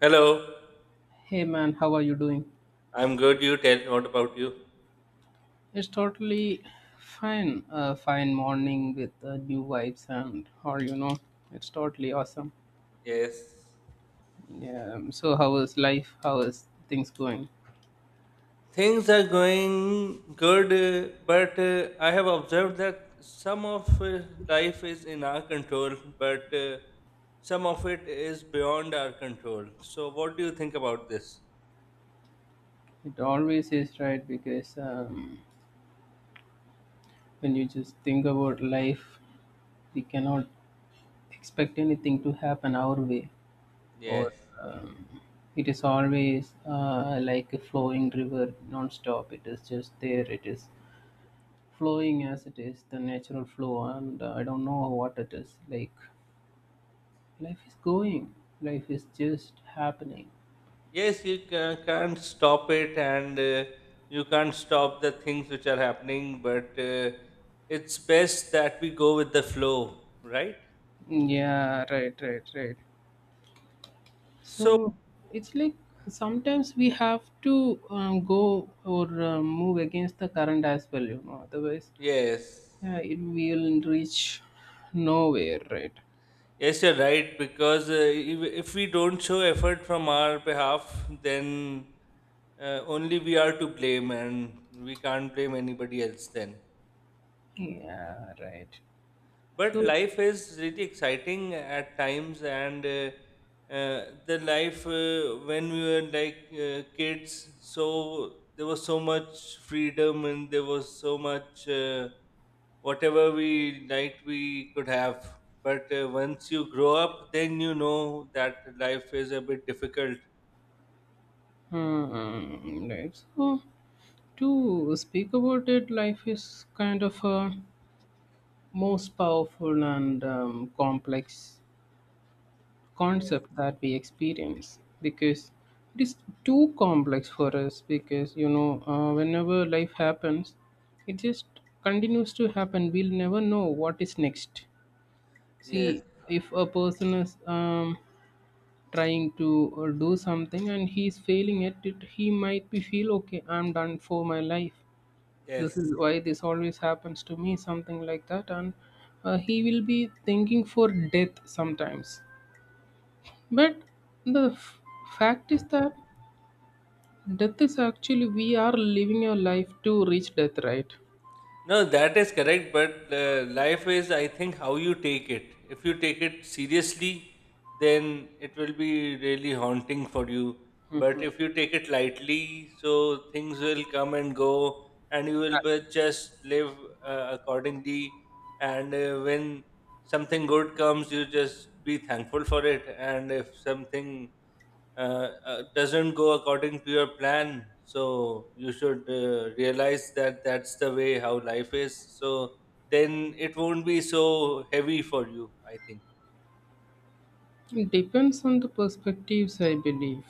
Hello, Hey man, how are you doing? I'm good. You tell me what about you? It's totally fine. A fine morning with new vibes and it's totally awesome. Yes. Yeah. So how is life? How is things going? Things are going good, but I have observed that some of life is in our control, but some of it is beyond our control. So, what do you think about this? It always is, right? Because when you just think about life, we cannot expect anything to happen our way, or Yes. um, it is always like a flowing river, non-stop. It is just there. It is flowing Yeah. as it is the natural flow, and I don't know what it is like. Life is going, life is just happening. Yes, you can't stop it, and you can't stop the things which are happening, but it's best that we go with the flow, right? Yeah, right, right, right. So So, it's like sometimes we have to go or move against the current as well, you know, otherwise yes. yeah, it will reach nowhere, right? Yes, you're right. Because if we don't show effort from our behalf, then only we are to blame, and we can't blame anybody else. Then, Yeah, right. but So life is really exciting at times, and the life, when we were like, kids, so there was so much freedom and there was so much, whatever we liked we could have. But once you grow up, then you know that life is a bit difficult. right, so to speak about it, life is kind of a most powerful and complex Yes. concept that we experience, because it is too complex for us. Because you know, whenever life happens, it just continues to happen. We'll never know what is next. See, Yes. if a person is trying to do something and he's failing at it, he might be feel okay, I'm done for my life, this is Yes. why this always happens to me, something like that. And he will be thinking for death sometimes. But the f- fact is that death is actually, we are living a life to reach death, right? No, that is correct, but life is, I think, how you take it. If you take it seriously, then it will be really haunting for you. But Hmm. if you take it lightly, so things will come and go, and you will just live accordingly. And when something good comes, you just be thankful for it. And if something doesn't go according to your plan, so you should realize that that's the way how life is. So then it won't be so heavy for you, I think. It depends on the perspectives, I believe,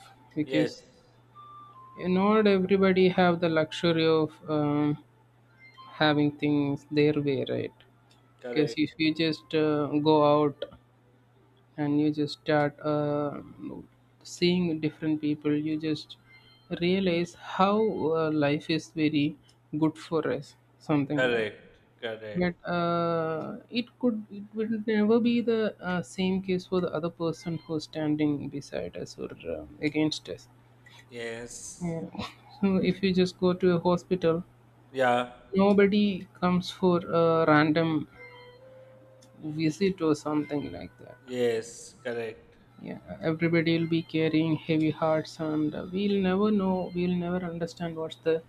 Yes. because not everybody have the luxury of having things their way, right? Because Correct, if you just go out and you just start seeing different people, you just realize how life is very good for us, something like. correct, correct. But it will never be the same case for the other person who's standing beside us or against us. Yes. Yeah. So if you just go to a hospital, Yeah. nobody comes for a random visit or something like that. Yes. Correct. Yeah, everybody will be carrying heavy hearts, and we'll never understand what's the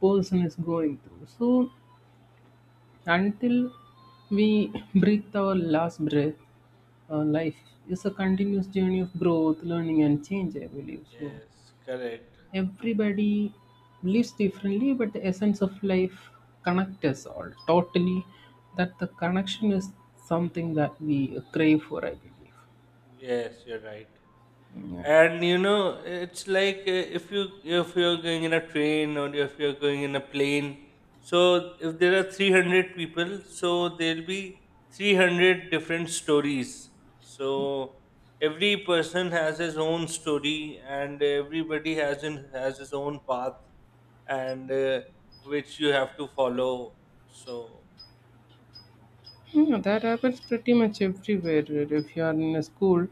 person is going through. So until we breathe our last breath, life is a continuous journey of growth, learning and change, I believe. So Yes. Correct. everybody lives differently, but the essence of life connects us all totally. That the connection is something that we crave for, I believe. Yes, you're right. Yeah. And you know it's like, if you're going in a train or if you're going in a plane, so if there are 300 people, so there'll be 300 different stories. So every person has his own story, and everybody has his own path, and which you have to follow. So Yeah, that happens pretty much everywhere. Really. If you are in a school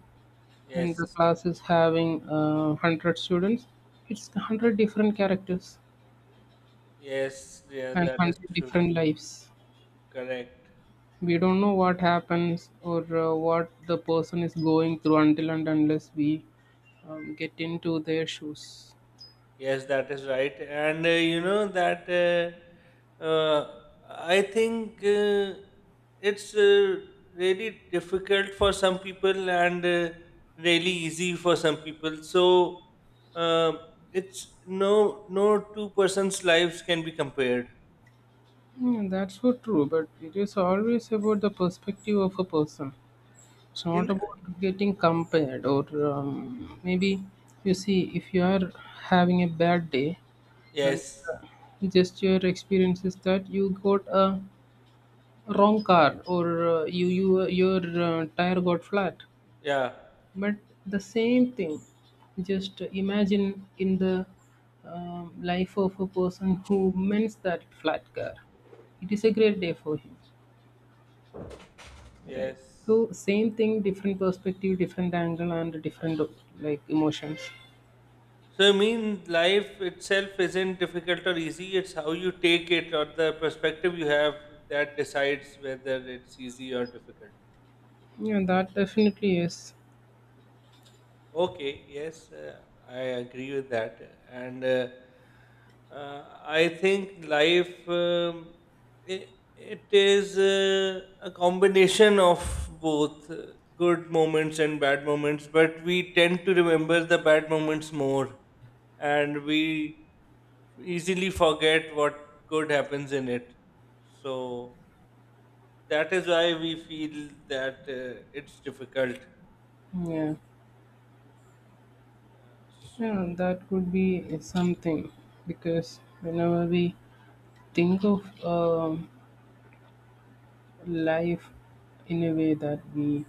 and yes. the class is having 100 students, it's 100 different characters Yes. Yeah, and that is 100 true. different lives. Correct. We don't know what happens or what the person is going through until and unless we get into their shoes. Yes, that is right. And you know that uh, uh, I think it's, really difficult for some people, and really easy for some people. So uh, it's, no two persons' lives can be compared. Mm, that's so true, but it is always about the perspective of a person. It's not In about getting compared, or maybe you see, if you are having a bad day and Yes, uh, just your experience is that you got a wrong car or you you your tire got flat. yeah, But the same thing, just imagine in the life of a person who mends that flat car. It is a great day for him. Right. yes. So same thing, different perspective, different angle, and different like emotions. So I mean, life itself isn't difficult or easy. It's how you take it or the perspective you have that decides whether it's easy or difficult. Yeah, that definitely is. Okay, yes, I agree with that. And I think life, it, it is a combination of both good moments and bad moments, but we tend to remember the bad moments more, and we easily forget what good happens in it. So that is why we feel that it's difficult. Yeah, Yeah, so yeah, that could be something, because whenever we think of life in a way that we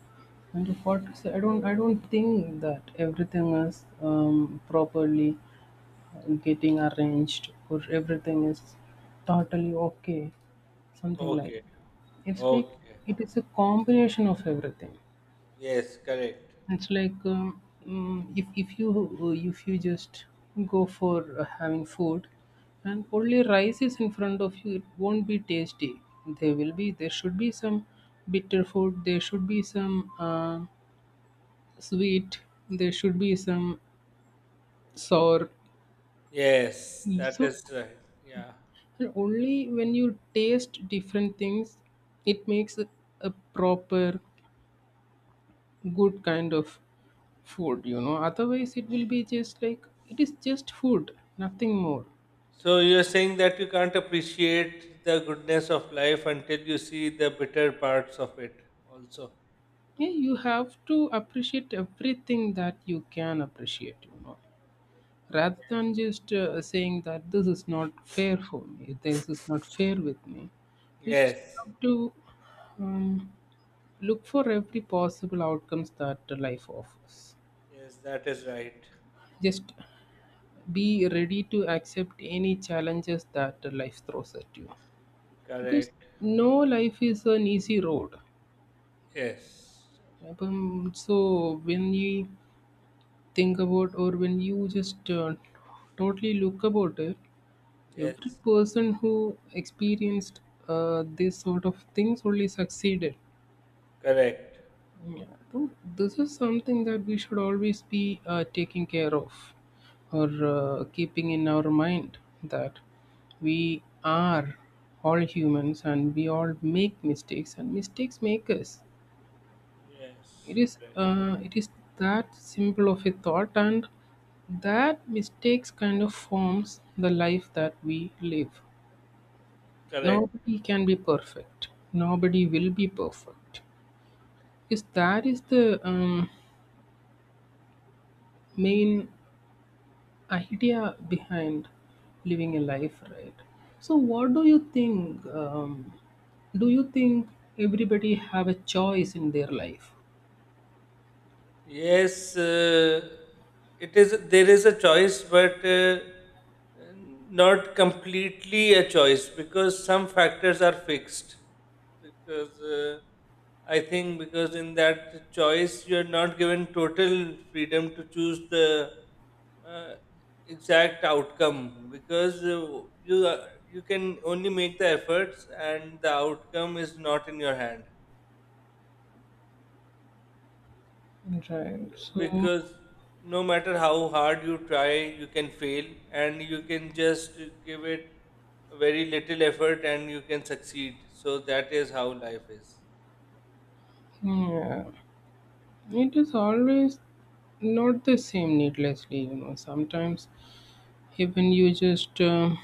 and what, so I don't think that everything is properly getting arranged or everything is totally okay, something like. okay. It's like Okay, it is a combination of everything. yes, correct. It's like if you just go for having food and only rice is in front of you, it won't be tasty. There should be some bitter food, there should be some sweet, there should be some sour. Yes, that So, is right. Yeah. and only when you taste different things, it makes a proper good kind of food, you know, otherwise it will be just like it is just food, nothing more. So you're saying that you can't appreciate the goodness of life until you see the bitter parts of it also. Yeah, you have to appreciate everything that you can appreciate, you know, rather than just saying that this is not fair for me, this is not fair with me. You just Yes. have to um, look for every possible outcomes that life offers. Yes, that is right. Just be ready to accept any challenges that life throws at you, because Correct. no life is an easy road. Yes. So when you think about or when you just totally look about it, every Yes. person who experienced this sort of things only succeeded. Correct. Yeah. So this is something that we should always be taking care of or keeping in our mind, that we are all humans and we all make mistakes, and mistakes make us. It Yes, is correct. it is that simple of a thought, and that mistakes kind of forms the life that we live. Correct. Nobody can be perfect, nobody will be perfect, because that is the main idea behind living a life, right? So what do you think, do you think everybody have a choice in their life? Yes, it is. There is a choice, but not completely a choice because some factors are fixed. Because I think because in that choice you are not given total freedom to choose the uh, exact outcome because you can only make the efforts and the outcome is not in your hand. Right, so Because no matter how hard you try, you can fail, and you can just give it very little effort and you can succeed. So that is how life is. yeah, it is always not the same needlessly, you know. Sometimes even you just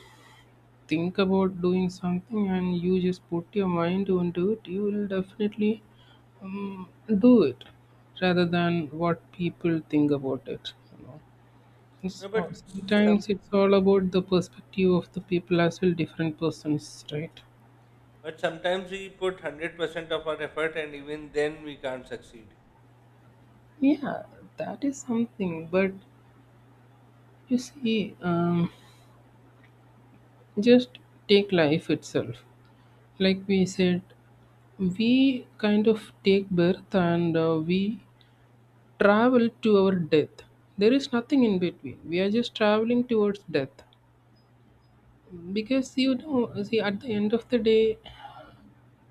think about doing something and you just put your mind onto it, you will definitely um, do it, rather than what people think about it. You know, it's, No, but all- some, sometimes it's all about the perspective of the people as well, different persons, right? but sometimes we put 100% of our effort and even then we can't succeed. Yeah, that is something. But you see, just take life itself. Like we said, we kind of take birth, and we travel to our death. There is nothing in between, we are just traveling towards death, because you know, see, at the end of the day,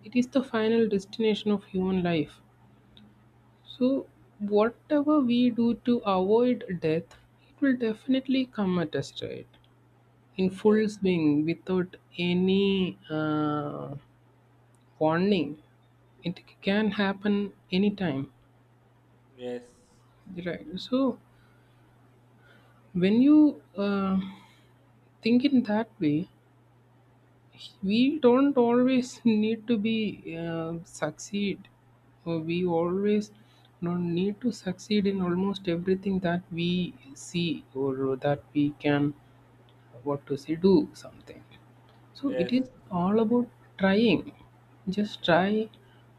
it is the final destination of human life. So whatever we do to avoid death, it will definitely come at us, right? In Yes. full swing, without any warning, it can happen anytime. Yes. Right. So when you think in that way, we don't always need to be succeed. We always don't need to succeed in almost everything that we see or that we can, what to say, do something. So it Yes. is all about trying. Just try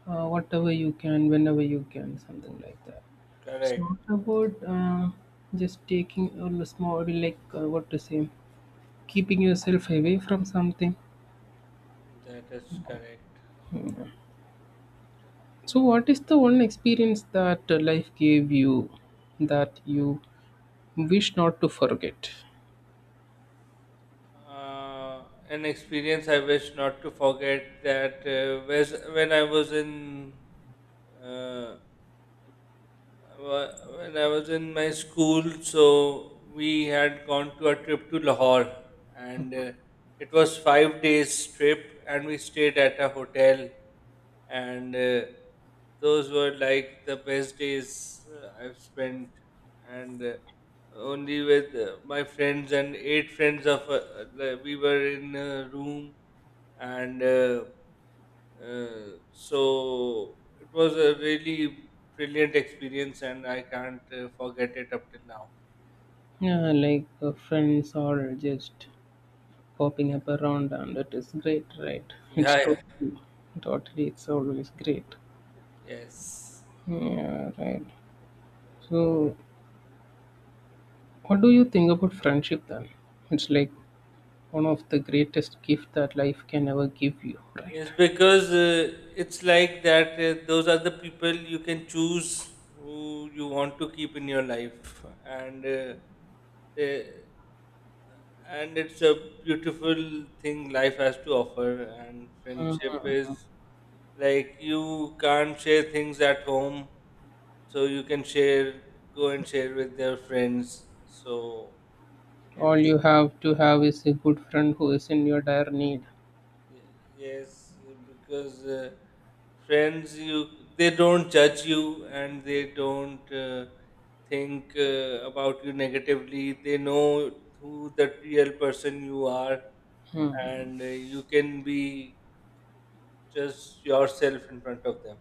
whatever you can, whenever you can, something like that. It's Correct. not about just taking a small, like what to say, keeping yourself away from something. That is correct. So, what is the one experience that life gave you that you wish not to forget? An experience I wish not to forget, that was when I was in, uh, when I was in my school, so we had gone to a trip to Lahore, and it was 5 days trip, and we stayed at a hotel, and those were like the best days I've spent, and only with my friends and eight friends of, like, we were in a room, and so it was a really brilliant experience, and I can't forget it up till now. Yeah, like friends or just popping up around, and it is great, right? It's Yeah, yeah. totally, totally, it's always great. Yes. Yeah, right. So what do you think about friendship then? It's like one of the greatest gift that life can ever give you, right? Yes, because it's like that, those are the people you can choose who you want to keep in your life. And they, and it's a beautiful thing life has to offer. And friendship is Mhm. like you can't share things at home, so you can share, go and share with their friends. So All it's, you have to have is a good friend who is in your dire need. Yes. Because friends, you, they don't judge you and they don't think about you negatively. They know who the real person you are, Hmm. and you can be just yourself in front of them.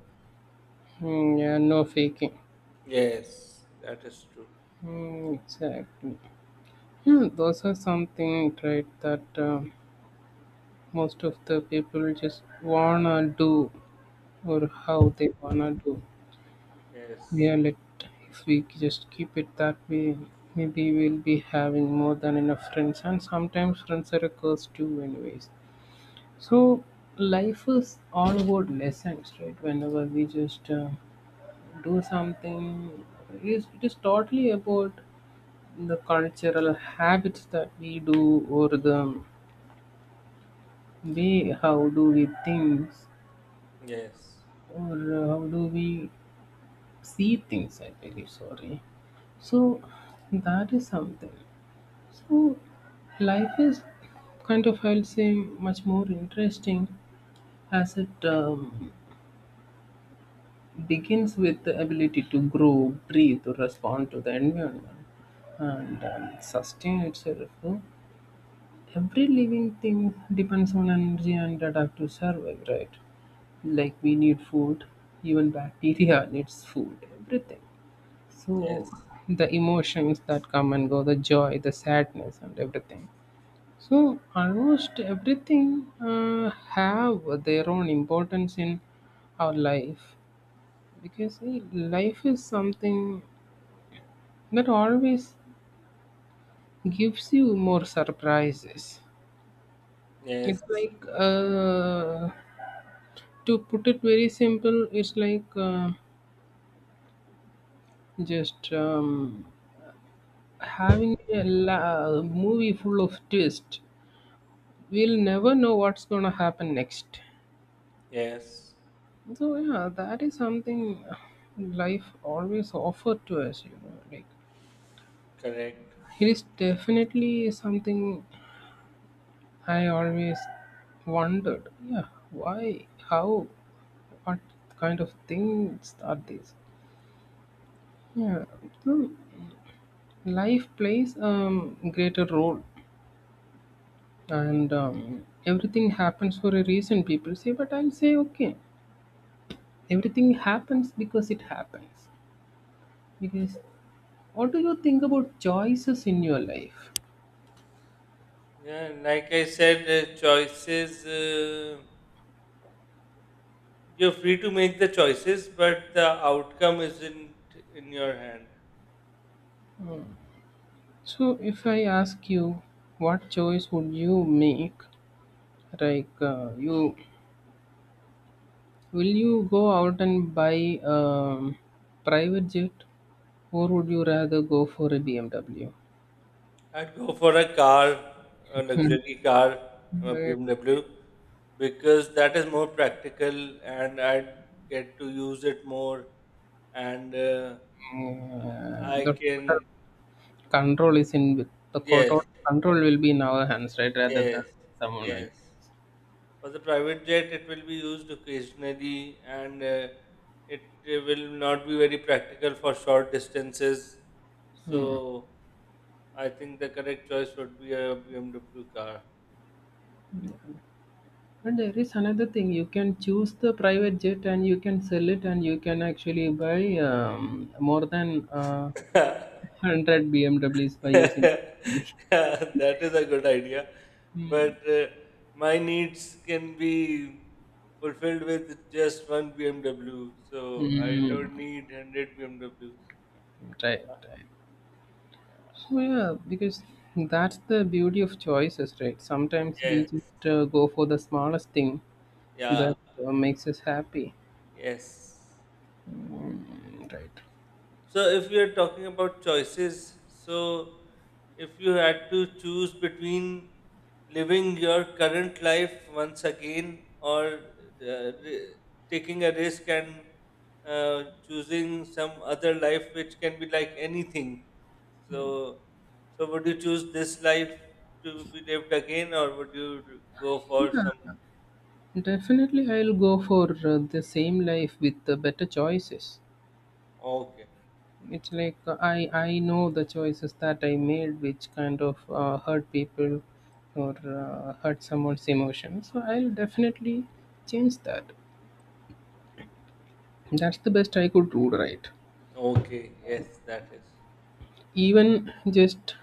Hmm, yeah, no faking. Yes, that is true. Hmm, exactly. Hmm, those are something, right? That most of the people just wanna do or how they wanna do. Yes. Yeah, let if we just keep it that way, maybe we'll be having more than enough friends, and sometimes friends are a curse too, anyways. So life is all about lessons, right? Whenever we just do something, it is totally about the cultural habits that we do or the way how do we think Yes. or how do we see things, I tell you, sorry. So that is something. So life is kind of, I'll say, much more interesting, as it begins with the ability to grow, breathe or respond to the environment, and sustain itself, no? Every living thing depends on energy and adapt to survive, right? Like we need food, even bacteria needs food, everything. So Yes. the emotions that come and go, the joy, the sadness, and everything. So almost everything have their own importance in our life, because see, life is something that always gives you more surprises. It's Yes. like to put it very simple, it's like just movie full of twist, we'll never know what's going to happen next. Yes. So yeah, that is something life always offered to us, you know, like Correct. it is definitely something I always wondered, yeah, why, how, what kind of things are these. Yeah. So life plays a greater role, and everything happens for a reason, people say, but I'll say okay, everything happens because it happens, because what do you think about choices in your life? Yeah, like I said, choices, you're free to make the choices, but the outcome isn't in your hand. So, if I ask you, what choice would you make? Like, you, will you go out and buy a private jet, or would you rather go for a BMW? I'd go for a car, a luxury car, a Where, BMW, because that is more practical and I'd get to use it more. And the I total can, control is in with the total yes, control will be in our hands, right? Rather than yes, someone else. yes. For the private jet, it will be used occasionally, and it will not be very practical for short distances. Hmm. So I think the correct choice would be a BMW car. And there is another thing, you can choose the private jet and you can sell it, and you can actually buy more than 100 BMWs by using money. Yeah, that is a good idea. Mm. But my needs can be fulfilled with just one BMW. So I Mm. don't need 100 BMWs. Yeah. Right, Yeah. right. So yeah, because that's the beauty of choices, right? Sometimes we Yes. just go for the smallest thing Yeah. that makes us happy. Yes. Mm, right. So, if we are talking about choices, so if you had to choose between living your current life once again or, ri- taking a risk and choosing some other life which can be like anything, so so would you choose this life to be lived again or would you go for Yeah, some? definitely I'll go for the same life with the better choices. Okay, It's like I know the choices that I made, which kind of hurt people or hurt someone's emotions. So I'll definitely change that. That's the best I could do, right? okay, yes, that is Even just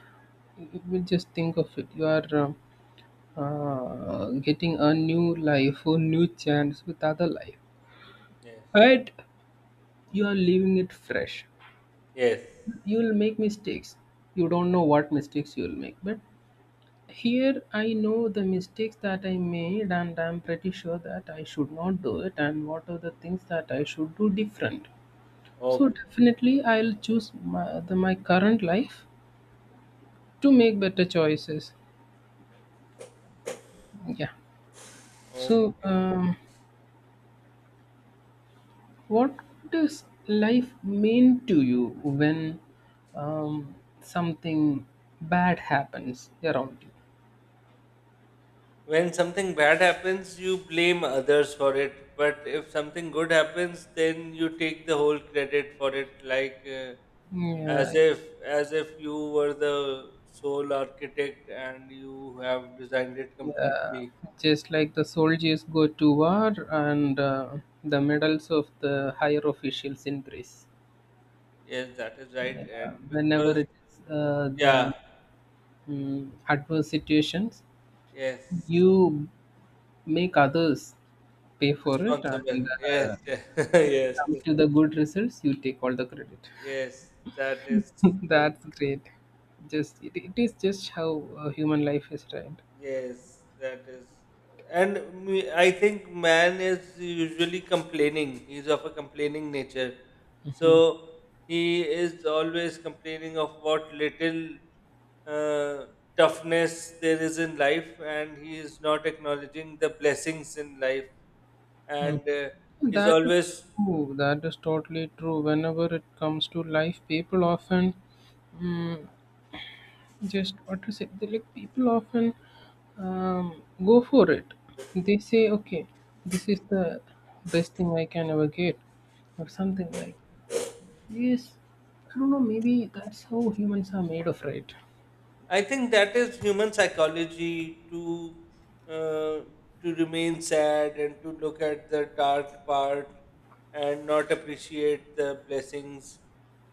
just think of it. You are getting a new life or new chance with other life, yes, but you are leaving it fresh. yes. You'll make mistakes. You don't know what mistakes you'll make, but here I know the mistakes that I made and I'm pretty sure that I should not do it and what are the things that I should do different. So Okay. definitely I'll choose my, the, my current life to make better choices. Yeah. So Okay. um, what does life mean to you when um, something bad happens around When something bad happens, you blame others for it. But if something good happens, then you take the whole credit for it, like, you? as Yeah, if as if you were the sole architect and you have designed it yeah, completely. just like the soldiers go to war and the medals of the higher officials increase. Yes, that is right. Yeah, And whenever because it is yeah, the adverse situations, yes, you make others pay for it, and responsible. Yes, when it yes, comes yes, to the good results, you take all the credit. yes. That is true. That's great. Just it is just how human life is, right? Yes, that is. And me, I think man is usually complaining. He's of a complaining nature. So he is always complaining of what little uh, toughness there is in life, and he is not acknowledging the blessings in life. Hmm. And he's That is always, true. That is totally true. Whenever it comes to life, people often mm just what to say. They, like people often go for it. They say, "Okay, this is the best thing I can ever get," or something like. Yes, I don't know. Maybe that's how humans are made of, right? I think, that is human psychology uh, to remain sad and to look at the dark part and not appreciate the blessings.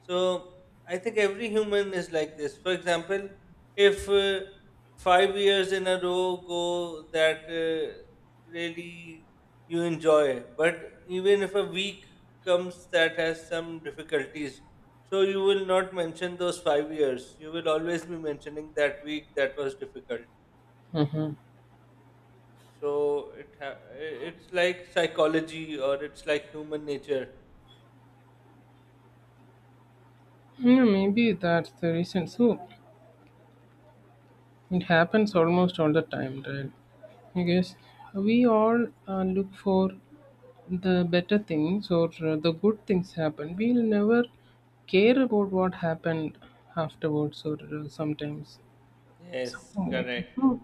So I think every human is like this. For example, if 5 years in a row go that really you enjoy, but even if a week comes that has some difficulties, so you will not mention those 5 years. You will always be mentioning that week that was difficult. Mm-hmm. So it's like psychology or it's like human nature. Yeah, maybe that's the reason. So it happens almost all the time, right? I guess we all look for the better things or the good things happen, we'll never care about what happened afterwards or sometimes Yes, something like that. correct, So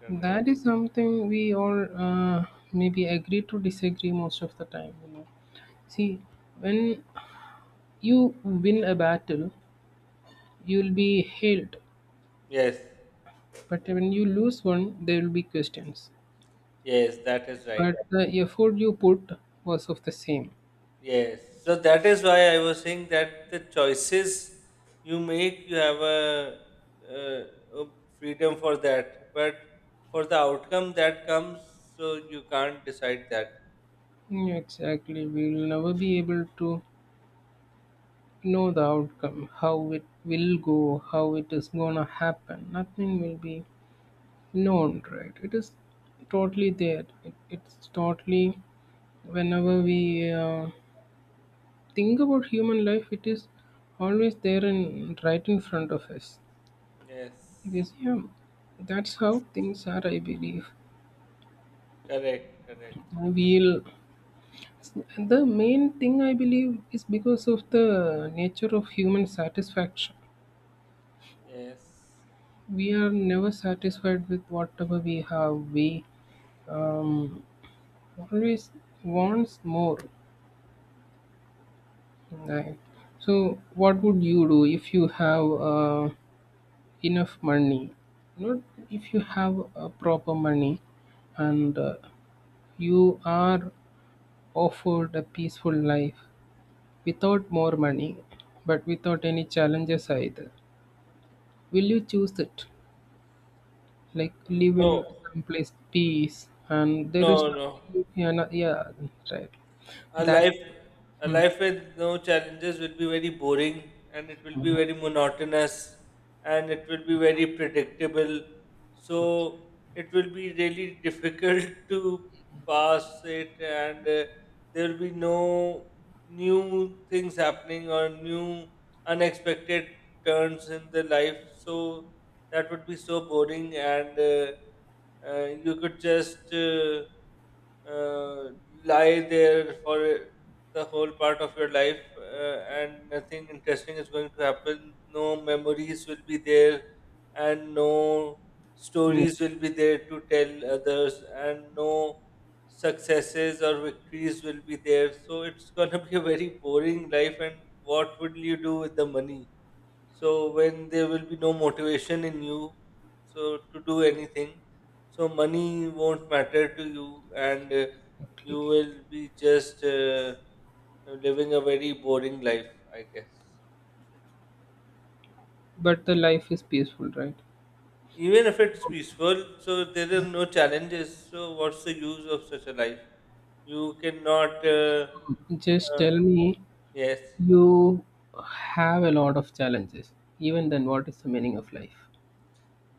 correct. that is something we all maybe agree to disagree most of the time, you know. See, when you win a battle you'll be hailed, Yes, but when you lose one there will be questions, yes, that is right. but the effort you put was of the same. Yes. So that is why I was saying that the choices you make, you have a freedom for that, but for the outcome that comes, so you can't decide that. Yeah, exactly, we will never be able to know the outcome, how it will go, how it is gonna happen. Nothing will be known, right? It is totally there. It's totally, whenever we think about human life, it is always there and right in front of us. Yes, Because yeah, that's how things are. I believe correct, correct. we'll. The main thing I believe is because of the nature of human satisfaction. Yes. We are never satisfied with whatever we have. We um, always wants more. Right? So, what would you do if you have enough money? Not if you have proper money, and you are offered a peaceful life without more money, but without any challenges either. Will you choose it? Like live in No, someplace peace and there is no, no. nothing. Yeah, yeah, right, A that's life, a mm, life with no challenges will be very boring, and it will be very monotonous, and it will be very predictable. So it will be really difficult to pass it, and there will be no new things happening or new unexpected turns in the life. So that would be so boring. And you could just uh, lie there for the whole part of your life, and nothing interesting is going to happen. No memories will be there, and no mm, stories will be there to tell others, and no successes or victories will be there. So it's going to be a very boring life. And what would you do with the money, so when there will be no motivation in you, so to do anything, so money won't matter to you, and exactly. you will be just living a very boring life, I guess. But the life is peaceful, right? Even if it's peaceful, so there are no challenges, so what's the use of such a life? You cannot, Just uh, tell me, yes. you have a lot of challenges, even then what is the meaning of life?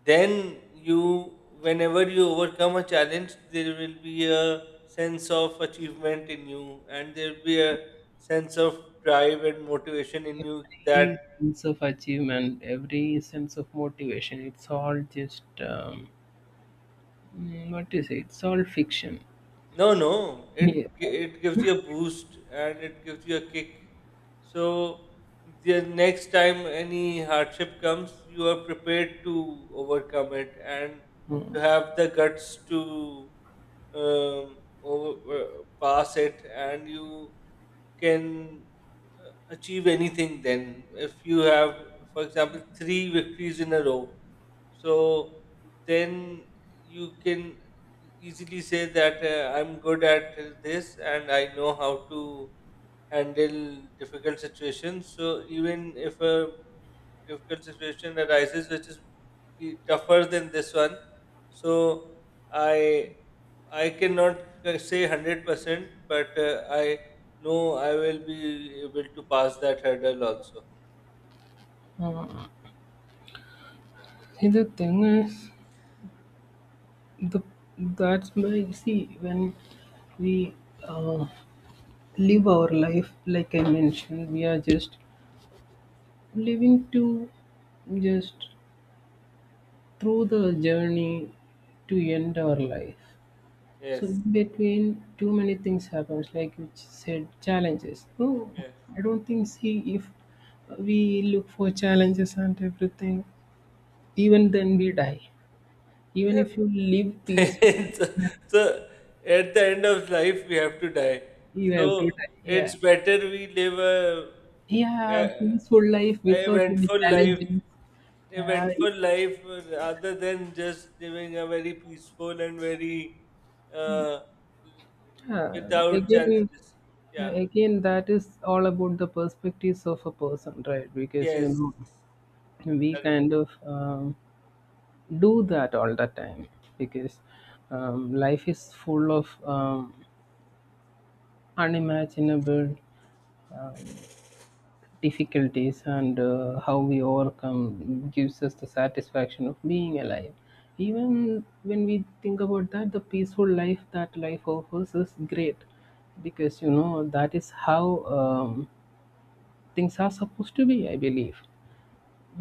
Then you, whenever you overcome a challenge, there will be a sense of achievement in you, and there will be a sense of drive and motivation in you that, Every sense of achievement, every sense of motivation, it's all just mm, what is it, it's all fiction. no, no, Yeah. It gives you a boost and it gives you a kick. So the next time any hardship comes, you are prepared to overcome it, and Mm, you have the guts to um, over, uh, pass it, and you can achieve anything. Then if you have, for example, three victories in a row, so then you can easily say that I'm good at this, and I know how to handle difficult situations. So even if a difficult situation arises, which is tougher than this one, so I I cannot say 100%, but I know I will be able to pass that hurdle also. mm. See the thing is, the, that's why you see when we uh, live our life, like I mentioned, we are just living to just through the journey to end our life. So Yes. in between too many things happens, like you said, challenges. So Yes. I don't think, see, if we look for challenges and everything, even then we die. Even Yeah. if you live peaceful, so, so at the end of life, we have to die. you have to So die. Yeah. it's better we live Yeah, a, peaceful life a without any eventful life. challenges. Yeah, Eventful life, rather than just living a very peaceful and very, uh, yeah. without Again, challenges. yeah, Yeah. again, that is all about the perspectives of a person, right? Because you Yes. know, we Correct. kind of do that all the time because life is full of unimaginable Um, difficulties, and how we overcome gives us the satisfaction of being alive, even when we think about that the peaceful life that life offers is great, because you know that is how things are supposed to be, I believe.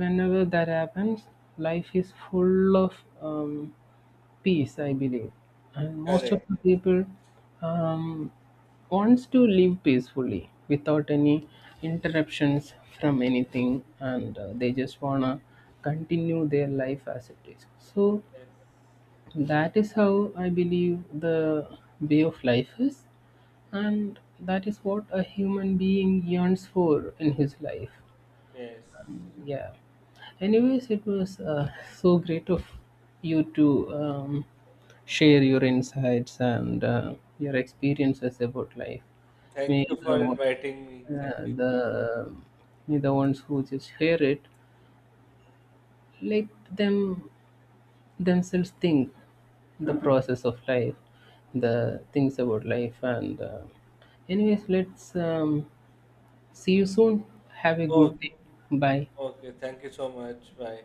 Whenever that happens, life is full of um, peace, I believe. And most of Correct. the people um, wants to live peacefully without any interruptions from anything, and they just wanna continue their life as it is. So Yes. that is how I believe the way of life is, and that is what a human being yearns for in his life. Yes. Yeah. Anyways, it was so great of you to share your insights and your experiences about life. Thank May you the for one- inviting me. Thank you for. the may the ones who just hear it, let them themselves think the process of life, the things about life, and anyways, let's see you soon. Have a good Okay. day. Bye. Okay. Thank you so much. Bye.